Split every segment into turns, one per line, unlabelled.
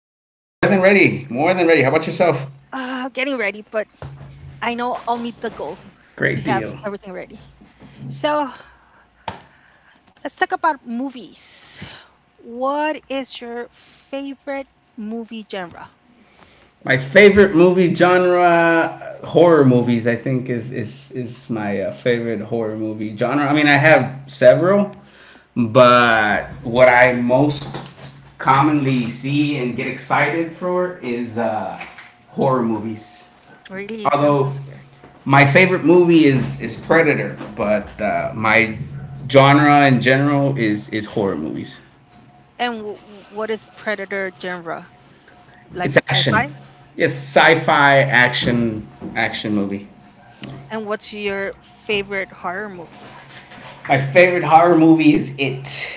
How about yourself?
Getting ready, but I know I'll meet the goal to have
Great deal.
everything ready. So let's talk about movies. What is your favorite movie genre?
My favorite movie genre, horror movies. I think is my favorite horror movie genre. I mean, I have several, but what I most commonly see and get excited for is horror movies.
Really, I'm so
Although
scared.
my favorite movie is Predator, but my genre in general is horror movies.
And what is Predator genre?
It's
Like sci
action.
fi?
It's sci-fi action movie.
And what's your favorite horror movie?
My favorite horror movie is It.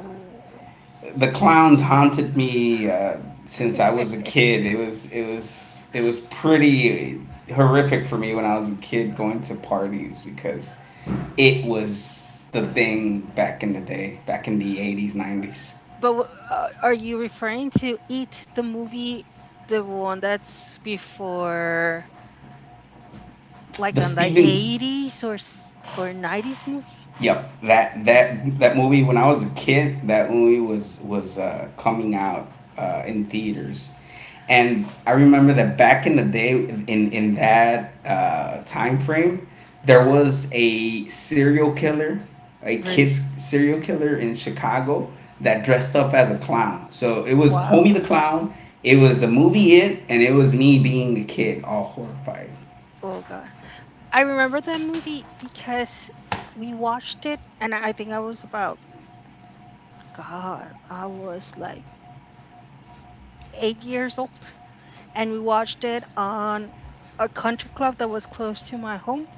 Ooh.
The clowns haunted me since I was a kid. It was pretty horrific for me when I was a kid going to parties because it was the thing back in the day, back in the 80s, 90s.
But are you referring to It, the movie, the one that's before, like
The
on the
Stephen
eighties or or nineties movie?
Yep, that
Huh,
that that movie when I was a kid, that movie was coming out in theaters, and I remember that back in the day in that time frame there was a serial killer, a
really?
kids serial killer in Chicago that dressed up as a clown. So it was Homie
Wow.
the Clown. It was the movie It, and it was me being a kid, all horrified.
Oh god. I remember that movie because we watched it, and I think I was about God, I was like 8 years old, and we watched it on a country club that was close to my home,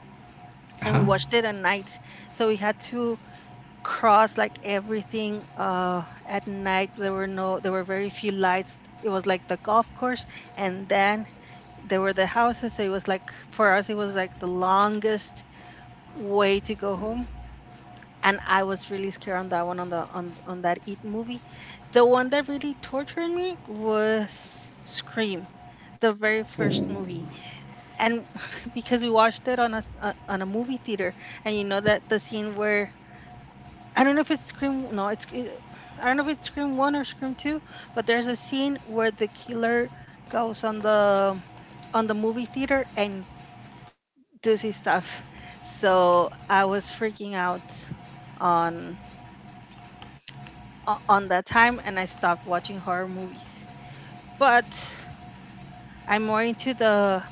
Uh
and
huh.
we watched it at night, so we had to cross like everything at night. There were no there were very few lights. It was like the golf course, and then there were the houses. So it was like for us it was like the longest way to go home, and I was really scared on that one, on that eat movie. The one that really tortured me was Scream, the very
Ooh.
first movie, and because we watched it on on a movie theater, and you know that the scene where I don't know if it's Scream. No, it's. It- I don't know if it's Scream One or Scream Two, but there's a scene where the killer goes on the movie theater and does his stuff. So I was freaking out on on that time, and I stopped watching horror movies. But I'm more into the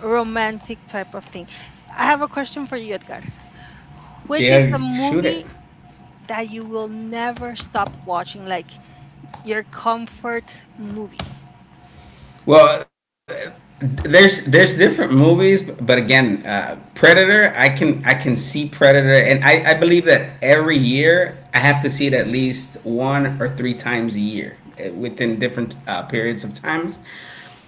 romantic type of thing. I have a question for you, Edgar.
Yeah,
Which is the
shoot it.
movie that you will never stop watching? Like your comfort movie.
Well, there's different movies, but again, Predator. I can see Predator, and I believe that every year I have to see it at least one or three times a year within different periods of times.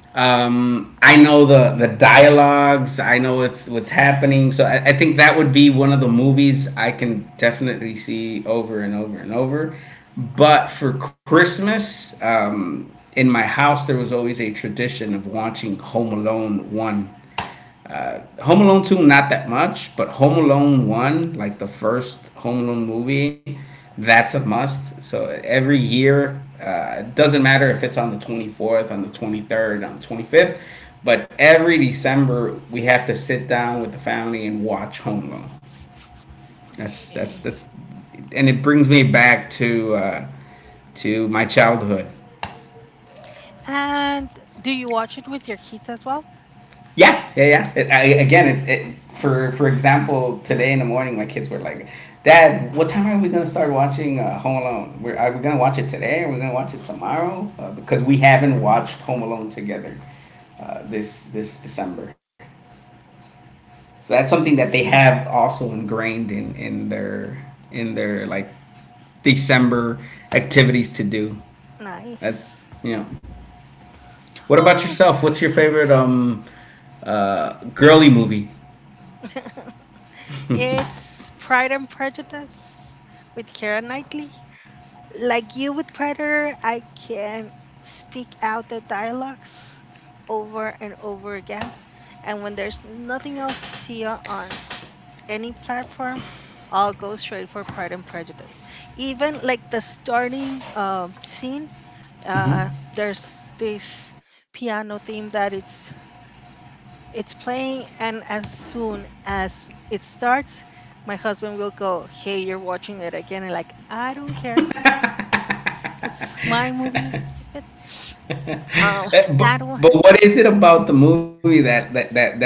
I know the dialogues. I know what's happening. So I think that would be one of the movies I can definitely see over and over and over. But for Christmas, in my house there was always a tradition of watching Home Alone one, Home Alone 2, not that much, but Home Alone 1, like the first Home Alone movie, that's a must. So every year, it doesn't matter if it's on the 24th, on the 23rd, on the 25th, but every December, we have to sit down with the family and watch Home Alone. That's, that's,
Okay.
that's, and it brings me back to my childhood.
And do you watch it with your kids as well?
Yeah, yeah, yeah. Again, for example, today in the morning, my kids were like, "Dad, what time are we gonna start watching Home Alone? Are we gonna watch it today? Are we gonna watch it tomorrow? Because we haven't watched Home Alone together this December." So that's something that they have also ingrained in their in their, like, December activities to do. That,
Nice.
you know. What about
Uh,
yourself? What's your favorite girly movie?
it's Pride and Prejudice with Keira Knightley. Like you with Predator, I can speak out the dialogues over and over again. And when there's nothing else to see on any platform, I'll go straight for Pride and Prejudice. Even like the starting scene, there's this piano theme that it's playing, and as soon as it starts my husband will go, "Hey, you're watching it again," and like I don't care, it's my movie, keep it. um
Uh, But,
that one,
but what is it about the movie that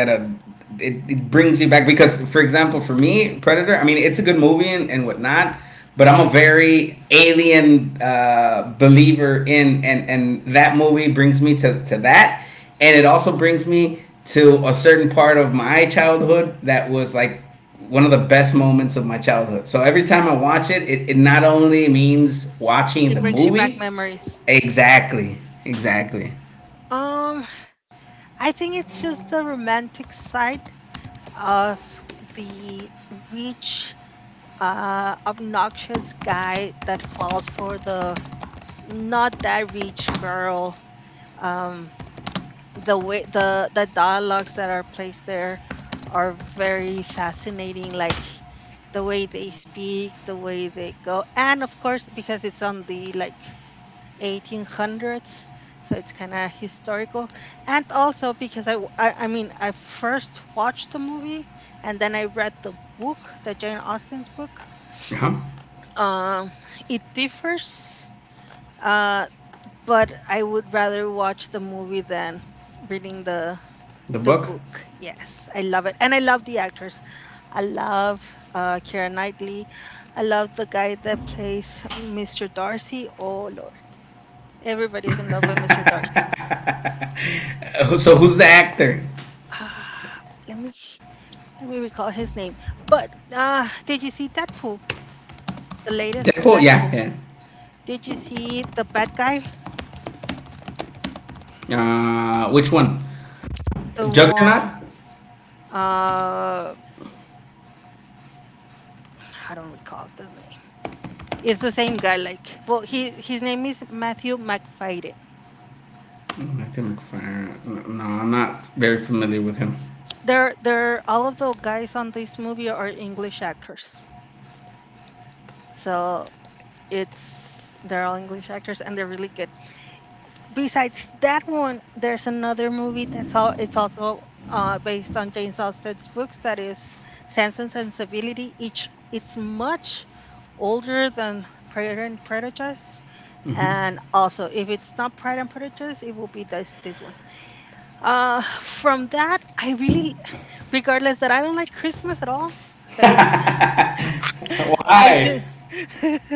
it, it brings you back? Because, for example, for me, Predator. I mean, it's a good movie and whatnot, but I'm a very alien believer in, and that movie brings me to that, and it also brings me to a certain part of my childhood that was like one of the best moments of my childhood. So every time I watch it, it not only means watching
it
the
brings you back
movie.
memories.
Exactly. Exactly.
um I think it's just the romantic side of the rich obnoxious guy that falls for the not that rich girl. um, the way the dialogues that are placed there are very fascinating, like the way they speak, the way they go, and of course because it's on the like 1800s, so it's kind of historical. And also because I mean I first watched the movie and then I read the book, the Jane Austen's book.
Huh?
um it differs, uh but I would rather watch the movie than reading the
The
The
book?
book. Yes, I love it, and I love the actors. I love Keira Knightley. I love the guy that plays Mr. Darcy. Oh Lord, everybody's in love with Mr. Darcy.
So who's the actor?
Ah, let me let me recall his name. But did you see Deadpool? The latest from
Deadpool? Yeah,
Deadpool.
yeah.
Did you see the bad guy?
Which one?
The
Juggernaut?
Wong. Uh, I don't recall the name. It's the same guy. Like, well, he his name is Matthew McFadden.
Matthew McFarlane. No, I'm not very familiar with him.
They're all of the guys on this movie are English actors. So it's they're all English actors and they're really good. Besides that one, there's another movie that's all it's also based on James Austen's books, that is Sense and Sensibility. Each it's much older than Pride and Prejudice. And also, if it's not Pride and Prejudice, it will be this one. From that, I really, regardless that I don't like Christmas at all, I do.
Why?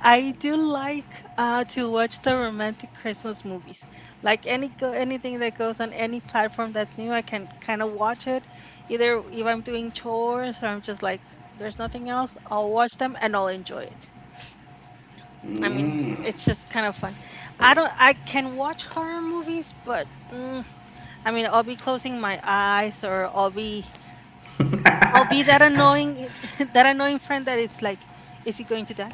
I do like to watch the romantic Christmas movies. Like any go anything that goes on any platform that's new, I can kind of watch it. Either if I'm doing chores or I'm just like there's nothing else, I'll watch them and I'll enjoy it. I mean, it's just kind of fun. I don't I can watch horror movies, but mm, I mean, I'll be closing my eyes, or I'll be that annoying that annoying friend that it's like, is he going to die?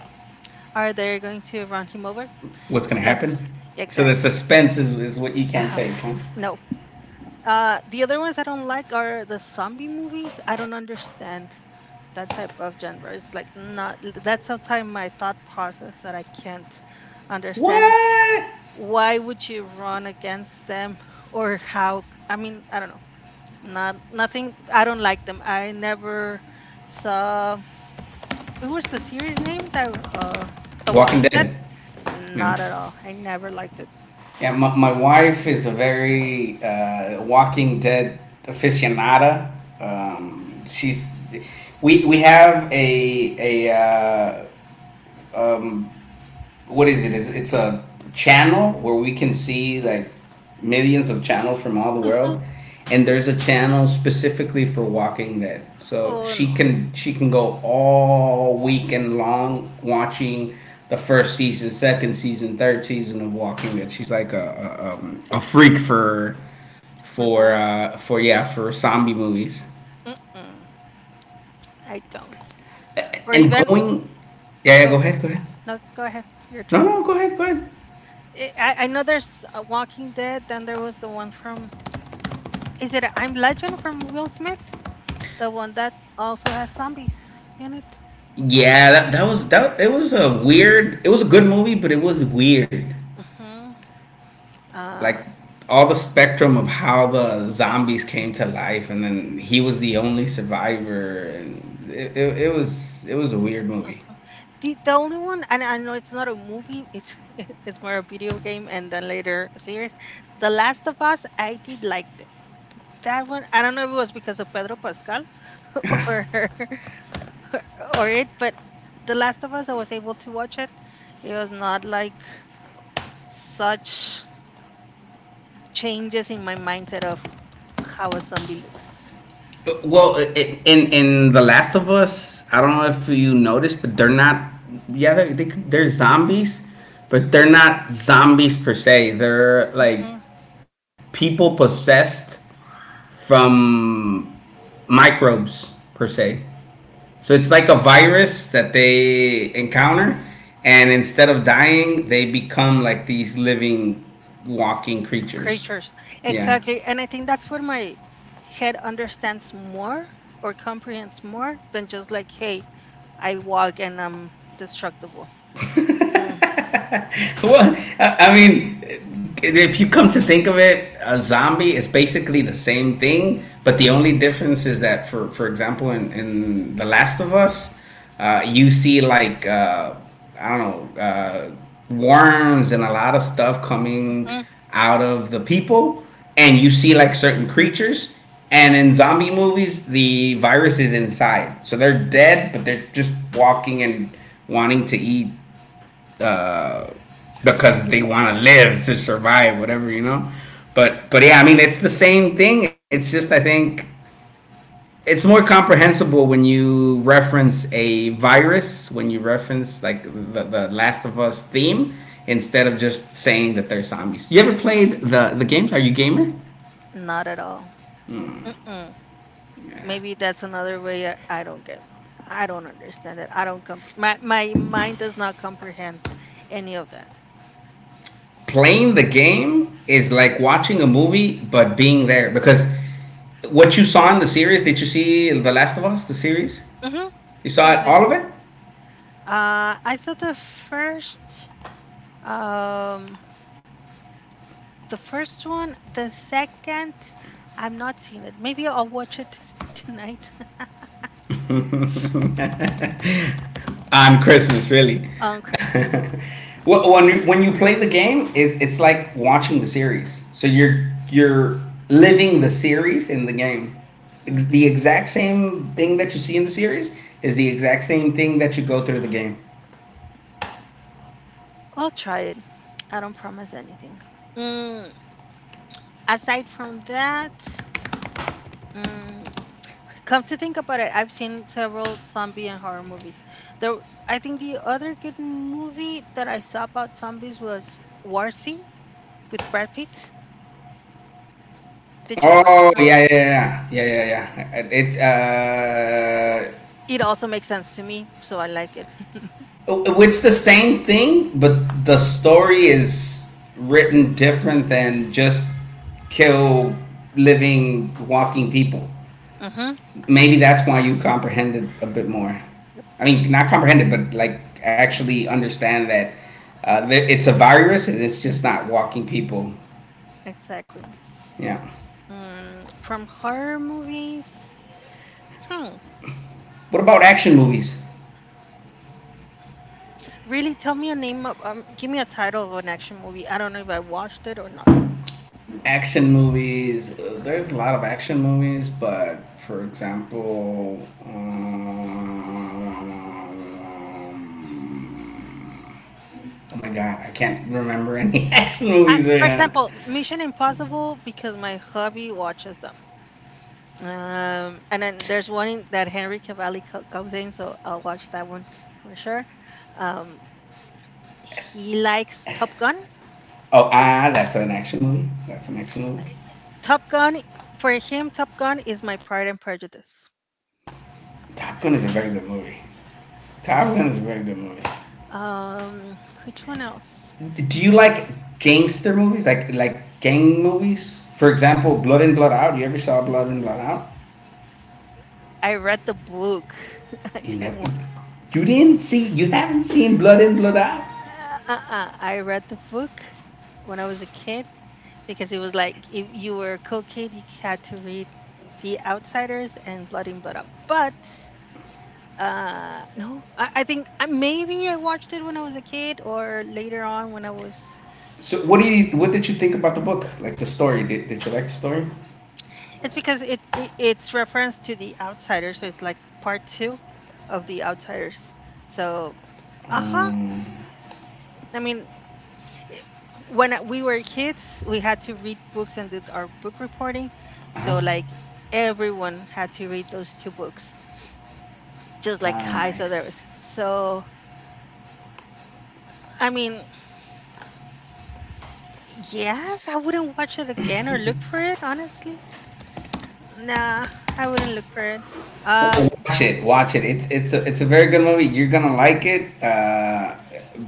Are they going to run him over?
What's gonna
So
happen?
yeah,
So the
exactly.
suspense is what you can't
Uh-huh.
take, huh?
No. The other ones I don't like are the zombie movies. I don't understand that type of genre. It's like not that's outside my thought process that I can't understand.
What?
Why would you run against them, or how? I mean, I don't know. Not nothing. I don't like them. I never saw. What was the series name that? The
Walking
Walking Dead.
Dead. Yeah.
Not at all. I never liked it.
Yeah, my wife is a very Walking Dead aficionada. She's we have a um, what is it? Is it's a channel where we can see like millions of channels from all the world, and there's a channel specifically for Walking Dead. So
Oh
she
no,
can she can go all weekend long watching the first season, second season, third season of Walking Dead. She's like a freak for
for the
yeah, for zombie movies
mm-mm, I don't. Or
and
even
going. Yeah, yeah, go
go
ahead, go ahead.
no, go ahead, your
No,
turn.
no, go ahead, go ahead.
I know there's a Walking Dead. Then there was the one from is it I'm Legend from Will Smith, the one that also has zombies in it.
Yeah, that was that. It was a weird. It was a good movie, but it was weird.
Hmm. Uh,
Like all the spectrum of how the zombies came to life, and then he was the only survivor, and it, it was a weird movie.
the only one, and I know it's not a movie. It's it's more a video game, and then later a series. The Last of Us, I did like it. That one, I don't know if it was because of Pedro Pascal or or it, but The Last of Us, I was able to watch it. It was not like such changes in my mindset of how a zombie looks.
Well, in The Last of Us, I don't know if you noticed, but they're not. Yeah, they're zombies, but they're not zombies per se. They're like
Hmm.
people possessed from microbes per se. So it's like a virus that they encounter, and instead of dying, they become like these living, walking creatures.
Creatures.
Yeah.
Exactly. And I think that's where my head understands more or comprehends more than just like, hey, I walk and I'm destructible. Hmm.
Well, I mean, if you come to think of it, a zombie is basically the same thing, but the only difference is that, for example, in The Last of Us, you see like I don't know worms and a lot of stuff coming out of the people, and you see like certain creatures. And in zombie movies, the virus is inside, so they're dead, but they're just walking and wanting to eat uh, because they want to live to survive, whatever, you know. But yeah, I mean it's the same thing. It's just I think it's more comprehensible when you reference a virus, when you reference like the Last of Us theme instead of just saying that they're zombies. You ever played the games? Are you a gamer?
Not at all. Mm-mm. Maybe that's another way I don't get I don't understand it. I don't my my mind does not comprehend any of that.
Playing the game is like watching a movie but being there because what you saw in the series. Did you see the Last of Us the series?
Mhm.
You
I
saw it
did.
all of it.
Uh, I saw um the first one, the second I'm not seeing it. Maybe I'll watch it tonight.
On Christmas, really.
On Christmas.
When when you play the game, it's like watching the series. So you're living the series in the game. The
Okay.
exact same thing
Mm,
that you see in the series is the exact same thing that you go through the game.
I'll try it. I don't promise anything. Mm, aside from that, mm, come to think about it, I've seen several zombie and horror movies. There, I think the other good movie that I saw about zombies was Warzy with Brad Pitt. Did you watch
Oh
that?
yeah yeah yeah yeah yeah yeah yeah. It's
It also makes sense to me, so I like it.
oh, it's the same thing, but the story is written different than just kill living walking people.
Mm-hmm.
Maybe that's why you comprehended a bit more.
Yep.
I mean, not comprehended, but like actually understand that that it's a virus and it's just not walking people.
Exactly.
Yeah.
Mm, from horror movies, hmm.
What about action movies?
Really, tell me a name of, give me a title of an action movie. I don't know if I watched it or not.
Action movies. There's a lot of action movies, but for example, oh my god, I can't remember any action
I,
movies right
for
now.
example, Mission Impossible, because my hubby watches them. And then there's one that Henry Cavalli goes in, so I'll watch that one for sure. Um, he likes Top Gun.
Oh, ah, that's an action movie. That's an action
I-
movie.
Top Gun for him, Top Gun is my Pride and Prejudice.
Top Gun is a very good movie. Top Gun is a very good movie.
Um, which one else?
Do you like gangster movies, like gang movies? For example, Blood and Blood Out. You ever saw Blood and Blood Out?
I read the book. I
You never.
didn't want.
You didn't see. You haven't seen Blood and Blood Out.
Uh-uh. I read the book when I was a kid because it was like if you were a cool kid, you had to read The Outsiders and Blood in Blood Up. But uh, no, I think I, maybe I watched it when I was a kid or later on when I was.
So what do you, what did you think about the book? Like the story? Did you like the story?
It's because it's reference to The Outsiders, so it's like part two of The Outsiders. So, uh huh. I mean, we were kids, we had to read books and did our book reporting.
Uh huh.
So like everyone had to read those two books, just like Kai's
Nice.
others. So I mean, yes, I wouldn't watch it again or look for it honestly. Nah, I wouldn't look for it. Um,
Watch it. Watch it. It's a very good movie. You're gonna like it.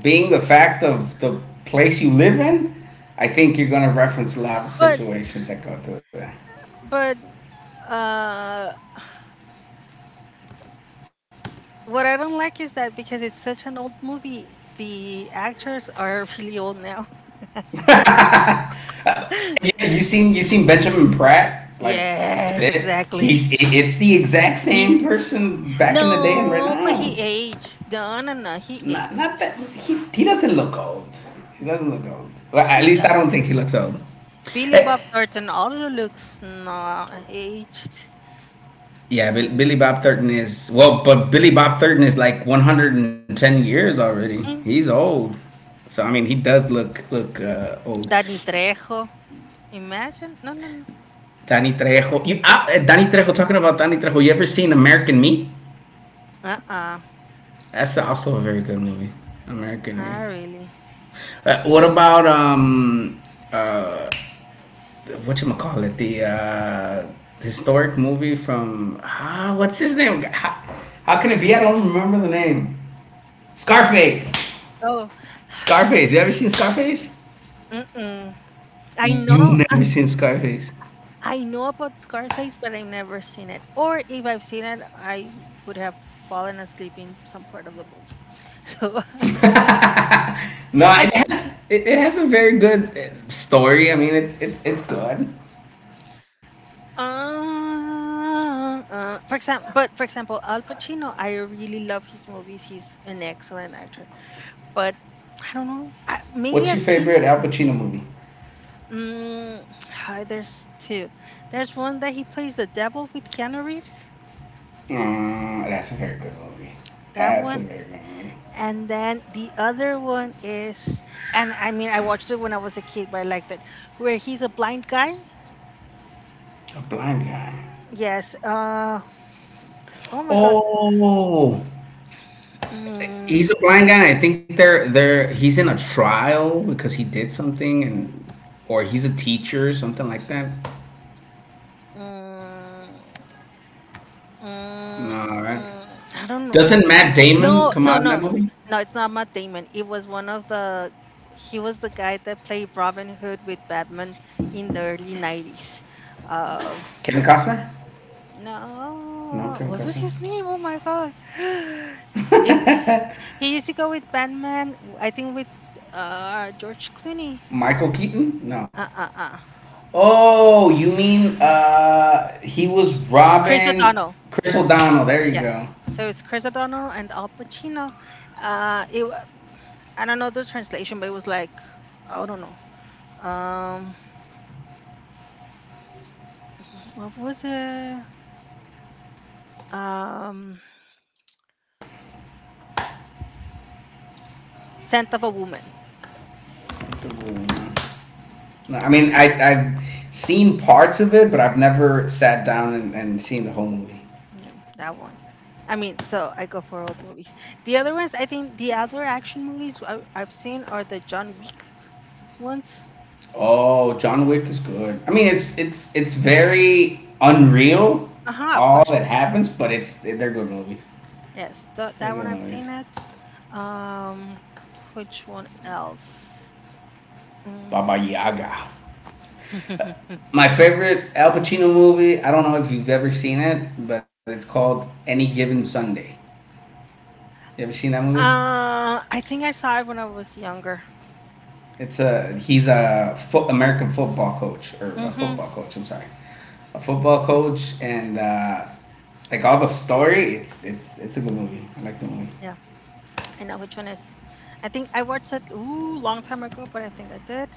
Being the fact of the place you live in, I think you're gonna reference a lot of
but
situations that go through that.
but uh, what I don't like is that because it's such an old movie, the actors are really old now.
Yeah, you seen you seen Benjamin Pratt like
Yes,
today.
exactly.
It's the exact
He
same person back in the day and right
no, but
now.
he aged. No, no, no, he
Not
aged.
that he doesn't look old. He doesn't look old. Well, at
He
least I don't
does.
think he looks old.
Billy
Eh,
Bob Thornton also looks not aged. Hmm.
Billy Bob Thornton is well, but Billy Bob Thornton is like 110 years already. He's old. So I mean, he does look old.
Danny Trejo. Imagine? No, no, no.
Danny Trejo. Danny Trejo. Talking about Danny Trejo. You ever seen American Me?
Uh-uh.
That's also a very good movie.
Ah,
American.
really?
Eh? What about uh what you call it, the historic movie from, ah, what's his name? How can it be? I don't remember the name. Scarface.
Oh,
Scarface. You ever seen Scarface?
mm-mm. I
You
know
never seen Scarface.
I know about Scarface, but I've never seen it. Or if I've seen it, I would have fallen asleep in some part of the movie. So I don't know.
No,
I ju-
it, it has a very good story. I mean, it's it's good.
for example, but for example, Al Pacino, I really love his movies. He's an excellent actor. But I don't know. Maybe
What's
I've
your
seen
favorite
it.
Al Pacino movie?
Mm, there's two. There's one that he plays the devil with Keanu Reeves.
Mm, that's a very good movie.
That
That's a
one.
very good movie.
And then the other one is, and I mean, I watched it when I was a kid, but I liked it, where he's a blind guy.
A blind guy.
Yes. Oh my god.
Oh,
Mm,
he's a blind guy. And I think they're he's in a trial because he did something, and or he's a teacher or something like that.
mm,
No, all
mm,
right.
mm, I don't
Doesn't
know.
Matt Damon
No,
come out
no,
in that
no,
movie?
no. It's not Matt Damon. It was one of the. He was the guy that played Robin Hood with Batman in the early 90s. Um.
Kevin Costner? No,
No.
Kevin
What was
Costner.
his name? Oh my God. It He used to go with Batman. I think with George Clooney.
Michael Keaton? No.
Uh uh uh.
Oh, you mean he was
Chris
robbing
O'Donnell.
Chris
It's
O'Donnell. There you
Yes.
go.
So it's Chris O'Donnell and Al Pacino. Uh, it wa- I don't know the translation, but it was like I don't know. Um, what was it? Um, Scent of a Woman.
Something wrong. I mean, I've seen parts of it, but I've never sat down and seen the whole movie.
Yeah, that one. I mean, so I go for old movies. The other ones, I think the other action movies I've seen are the John Wick ones.
Oh, John Wick is good. I mean, it's it's very unreal,
Uh huh. Of
all
course.
that happens, but it's they're good movies.
Yes, tha-
They're
that
good
one I've
movies.
seen it. Um, which one else?
Baba
Mm.
Yaga.
uh,
My favorite Al Pacino movie. I don't know if you've ever seen it, but it's called Any Given Sunday. You ever seen that movie?
I think I saw it when I was younger.
It's a he's a fo- American football coach or a
Mm-hmm.
football coach. I'm sorry, a football coach, and like all the story. It's a good movie. I like the movie.
Yeah, I know which one is. I think I watched it ooh long time ago, but I think I did.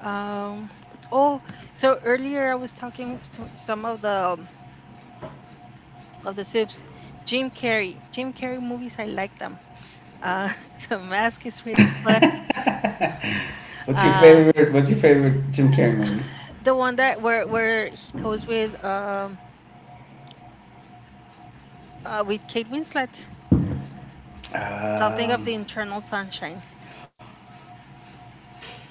Um, oh, so earlier I was talking to some of the soups. Jim Carrey movies, I like them. Uh, the Mask is really fun. Uh,
What's your favorite Jim Carrey movie?
The one that where he goes with Kate Winslet. Something of
Um,
the Internal Sunshine.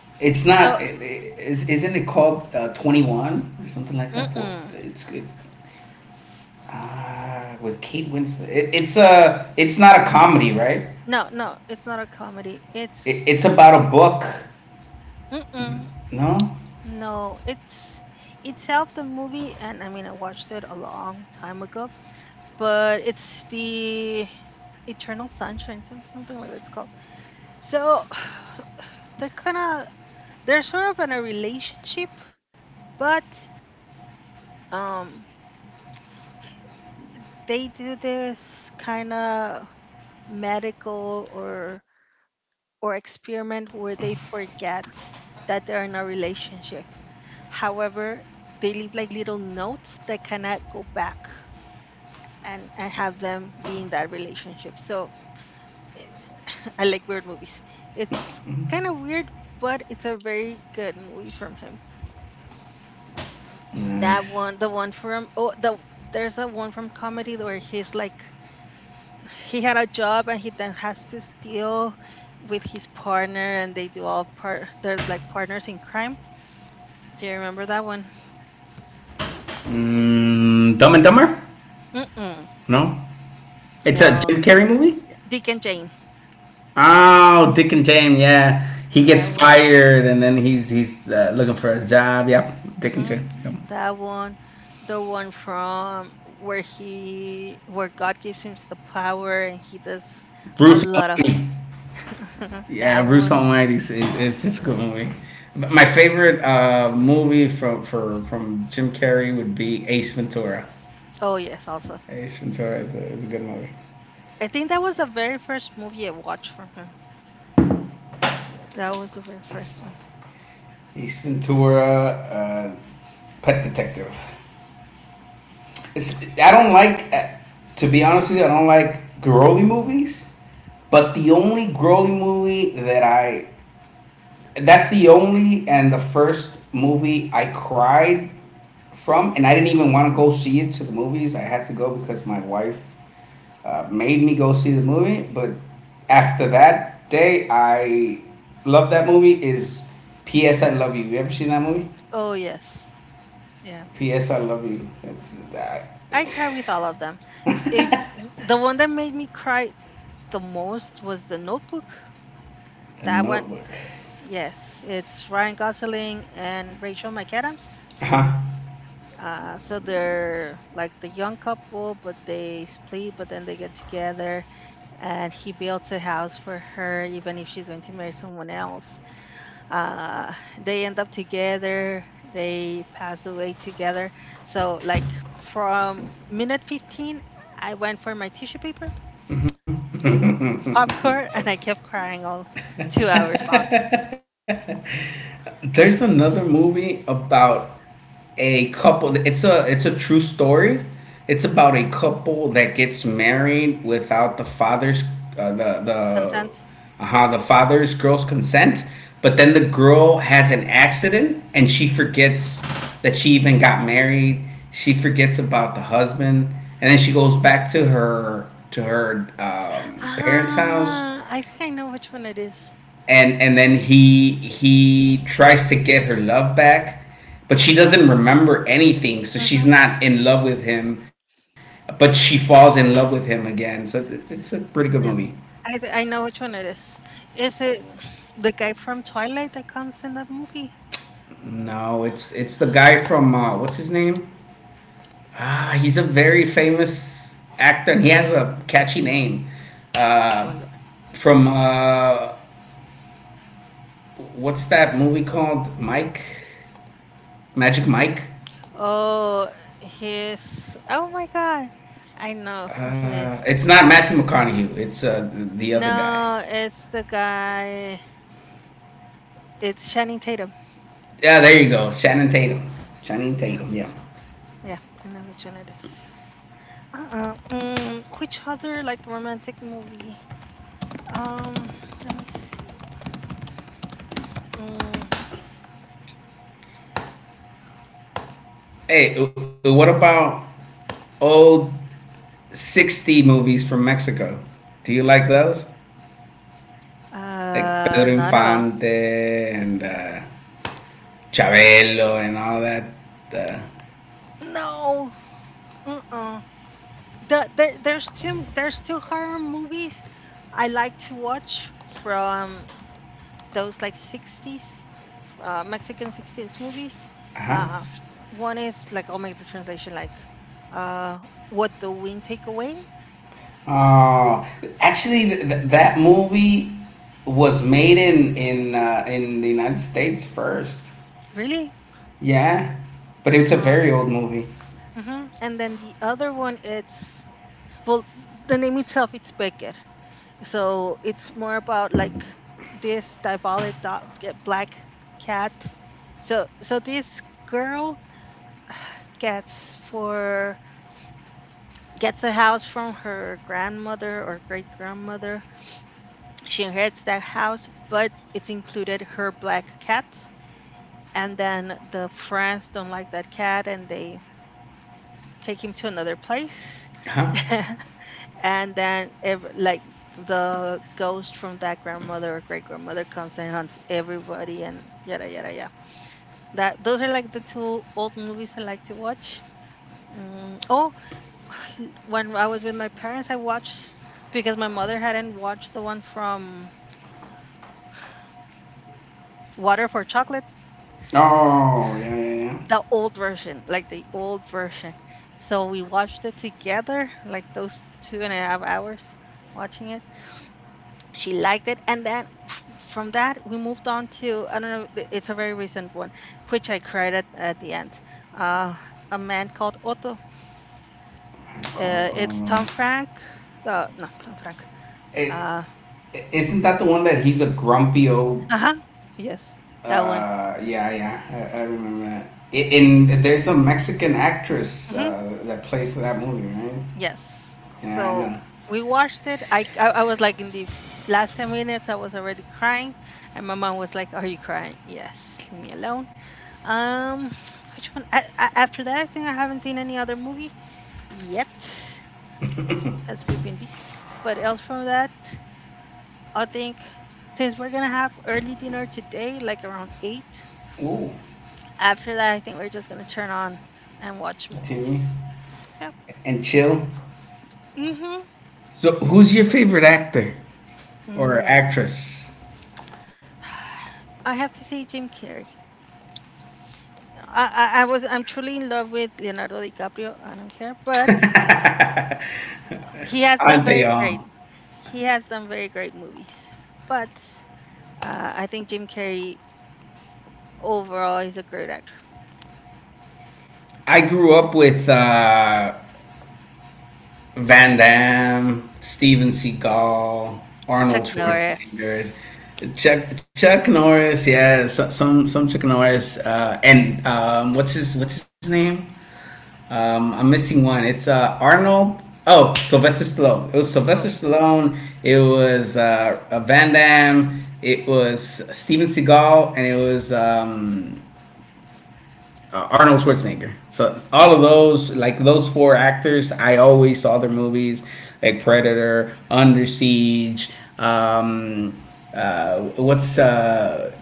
it's not.
So
It, is Isn't it called 21 or something like that? For
mm-mm.
it's good. With Kate Winslet. It, it's a. It's not a comedy, right?
No, no, it's not a comedy.
It,
It's
it's about a book.
Mm-mm.
No.
No, it's itself the movie, and I mean I watched it a long time ago, but it's the Eternal Sunshine, something like that's called. So they're kind of they're sort of in a relationship, but um they do this kind of medical or experiment where they forget that they're in a relationship. However, they leave like little notes that cannot go back and have them be in that relationship. So I like weird movies. It's kind of weird, but it's a very good movie from him.
Nice.
That one, the one from oh, there's a one from comedy where he's like he had a job and he then has to steal with his partner and they do all part they're like partners in crime. Do you remember that one?
Mm, Dumb and Dumber?
Mm-mm.
No, it's a
No,
Jim Carrey movie.
Dick and Jane.
Oh, Dick and Jane. Yeah, he gets
That one.
fired and then he's looking for a job. Yep, Dick and
Hmm.
Jane. Yep.
That one, the one from where God gives him the power and he does a
Bruce.
lot of.
Yeah,
That
Bruce
one.
Almighty is it's a good movie. But my favorite movie from Jim Carrey would be Ace Ventura.
Oh, yes, also
Ace Ventura is a good movie.
I think that was the very first movie I watched from him. That was the very first one.
Ace Ventura, uh, Pet Detective. It's I don't like to be honest with you, I don't like girly movies. But the only girly movie that I that's the only and the first movie I cried from, and I didn't even want to go see it to the movies. I had to go because my wife made me go see the movie. But after that day, I love that movie. Is P.S. I Love You. You ever seen that movie?
Oh, yes, yeah,
P.S. I Love You.
I cry with all of them. If The one that made me cry the most was The Notebook.
The
That one,
Notebook.
yes, it's Ryan Gosling and Rachel McAdams.
Huh.
So they're like the young couple, but they split, but then they get together, and he builds a house for her, even if she's going to marry someone else. Uh, they end up together, they pass away together. So, like, from minute 15, I went for my tissue paper popcorn and I kept crying all 2 hours long.
There's another movie about a couple. It's a true story. It's about a couple that gets married without uh, the
Consent?
the father's girl's consent. But then the girl has an accident and she forgets that she even got married. She forgets about the husband, and then she goes back to her parents' house
Ah, I think I know which one it is.
and then he tries to get her love back, but she doesn't remember anything, so she's
Mm-hmm.
not in love with him, but she falls in love with him again, so it's a pretty good movie.
Yeah, I know which one it is. Is it the guy from Twilight that comes in that movie?
No, it's it's the guy from what's his name, ah, he's a very famous actor and he has a catchy name,
Oh,
uh,
Lord.
from what's that movie called, mike, magic mike.
Oh, he's. Oh my God, I know who he is.
It's not Matthew McConaughey. It's the other guy.
No, it's the guy. It's Channing Tatum.
Yeah, there you go. Shannon Tatum. Shannon Tatum.
Yes.
Yeah.
Yeah, I know which one it is. Uh-uh. Mm, which other like romantic movie? Um, let me see. Mm,
Hey, what about old 60 movies from Mexico? Do you like those? Like Pedro
not at all.
Infante and Chabelo and all that. Uh
No. Uh-uh. There's two horror movies I like to watch from those like 60s Mexican 60s movies.
huh.
Uh, one is like I'll make the translation like uh What the Wind Take Away.
Oh, actually, that movie was made in in the United States first.
Really?
Yeah, but it's a
Uh,
very old movie.
mhm. And then the other one, it's well, the name itself, it's Becker. So it's more about like this diabolic dog, black cat. so this girl gets for gets a house from her grandmother or great grandmother. She inherits that house, but it's included her black cat. And then the friends don't like that cat and they take him to another place.
Huh?
And then every, like, the ghost from that grandmother or great grandmother comes and hunts everybody and yada yada yada. That Those are like the two old movies I like to watch. Oh, when I was with my parents, I watched, because my mother hadn't watched the one from Water for Chocolate,
Oh, yeah, yeah, yeah.
the old version, like the old version. So we watched it together like those 2.5 hours watching it. She liked it, and then from that we moved on to I don't know, it's a very recent one, which I cried at the end. uh, a Man Called Otto.
I call.
It's Tom Frank. No, Tom Frank.
It,
uh,
isn't that the one that he's a grumpy old?
uh-huh. Yes, that one.
Yeah, yeah, I remember that. In there's a Mexican actress
Hmm.
that plays that movie, right?
Yes. So
Yeah,
we watched it. I was like in the last 10 minutes, I was already crying. And my mom was like, are you crying? Yes, leave me alone. um which one? After that, I think I haven't seen any other movie yet, because we've been busy. But else from that, I think, since we're gonna have early dinner today, like around 8.
I know. Ooh,
After that, I think we're just gonna turn on and watch
Timmy
movies. Yep.
and chill.
Mm-hmm.
So, who's your favorite actor or
Mm.
actress?
I have to say Jim Carrey. I'm truly in love with Leonardo DiCaprio. I don't care, but he has done
Aren't they
very
all?
great. He has done very great movies. But I think Jim Carrey overall is a great actor.
I grew up with Van Damme, Steven Seagal,
Chuck
Arnold Schwarzenegger,
Norris.
Chuck Norris. Yeah, so, some Chuck Norris. And what's his name? I'm missing one. It's Arnold. Oh, Sylvester Stallone. It was Sylvester
Oh.
Stallone. It was Van Damme. It was Steven Seagal, and it was Arnold Schwarzenegger. So all
Mm.
of those, like those four actors, I always saw their movies, like Predator, Under Siege. Um, what's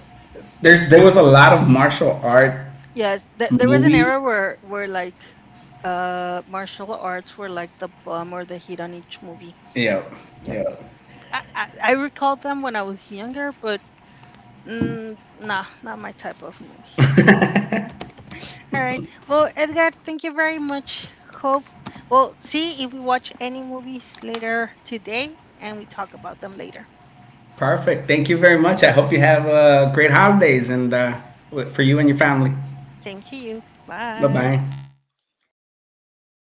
there's there was a lot of martial art
Yes, there was an
movies.
era where like martial arts were like the bomb or the hit on each movie.
Yeah,
Yep.
yeah.
I recall them when I was younger, but nah, not my type of movies. All right. Well, Edgar, thank you very much. Hope we'll see if we watch any movies later today and we talk about them later.
Perfect. Thank you very much. I hope you have great holidays and for you and your family.
Same to you.
Bye
Bye.
bye.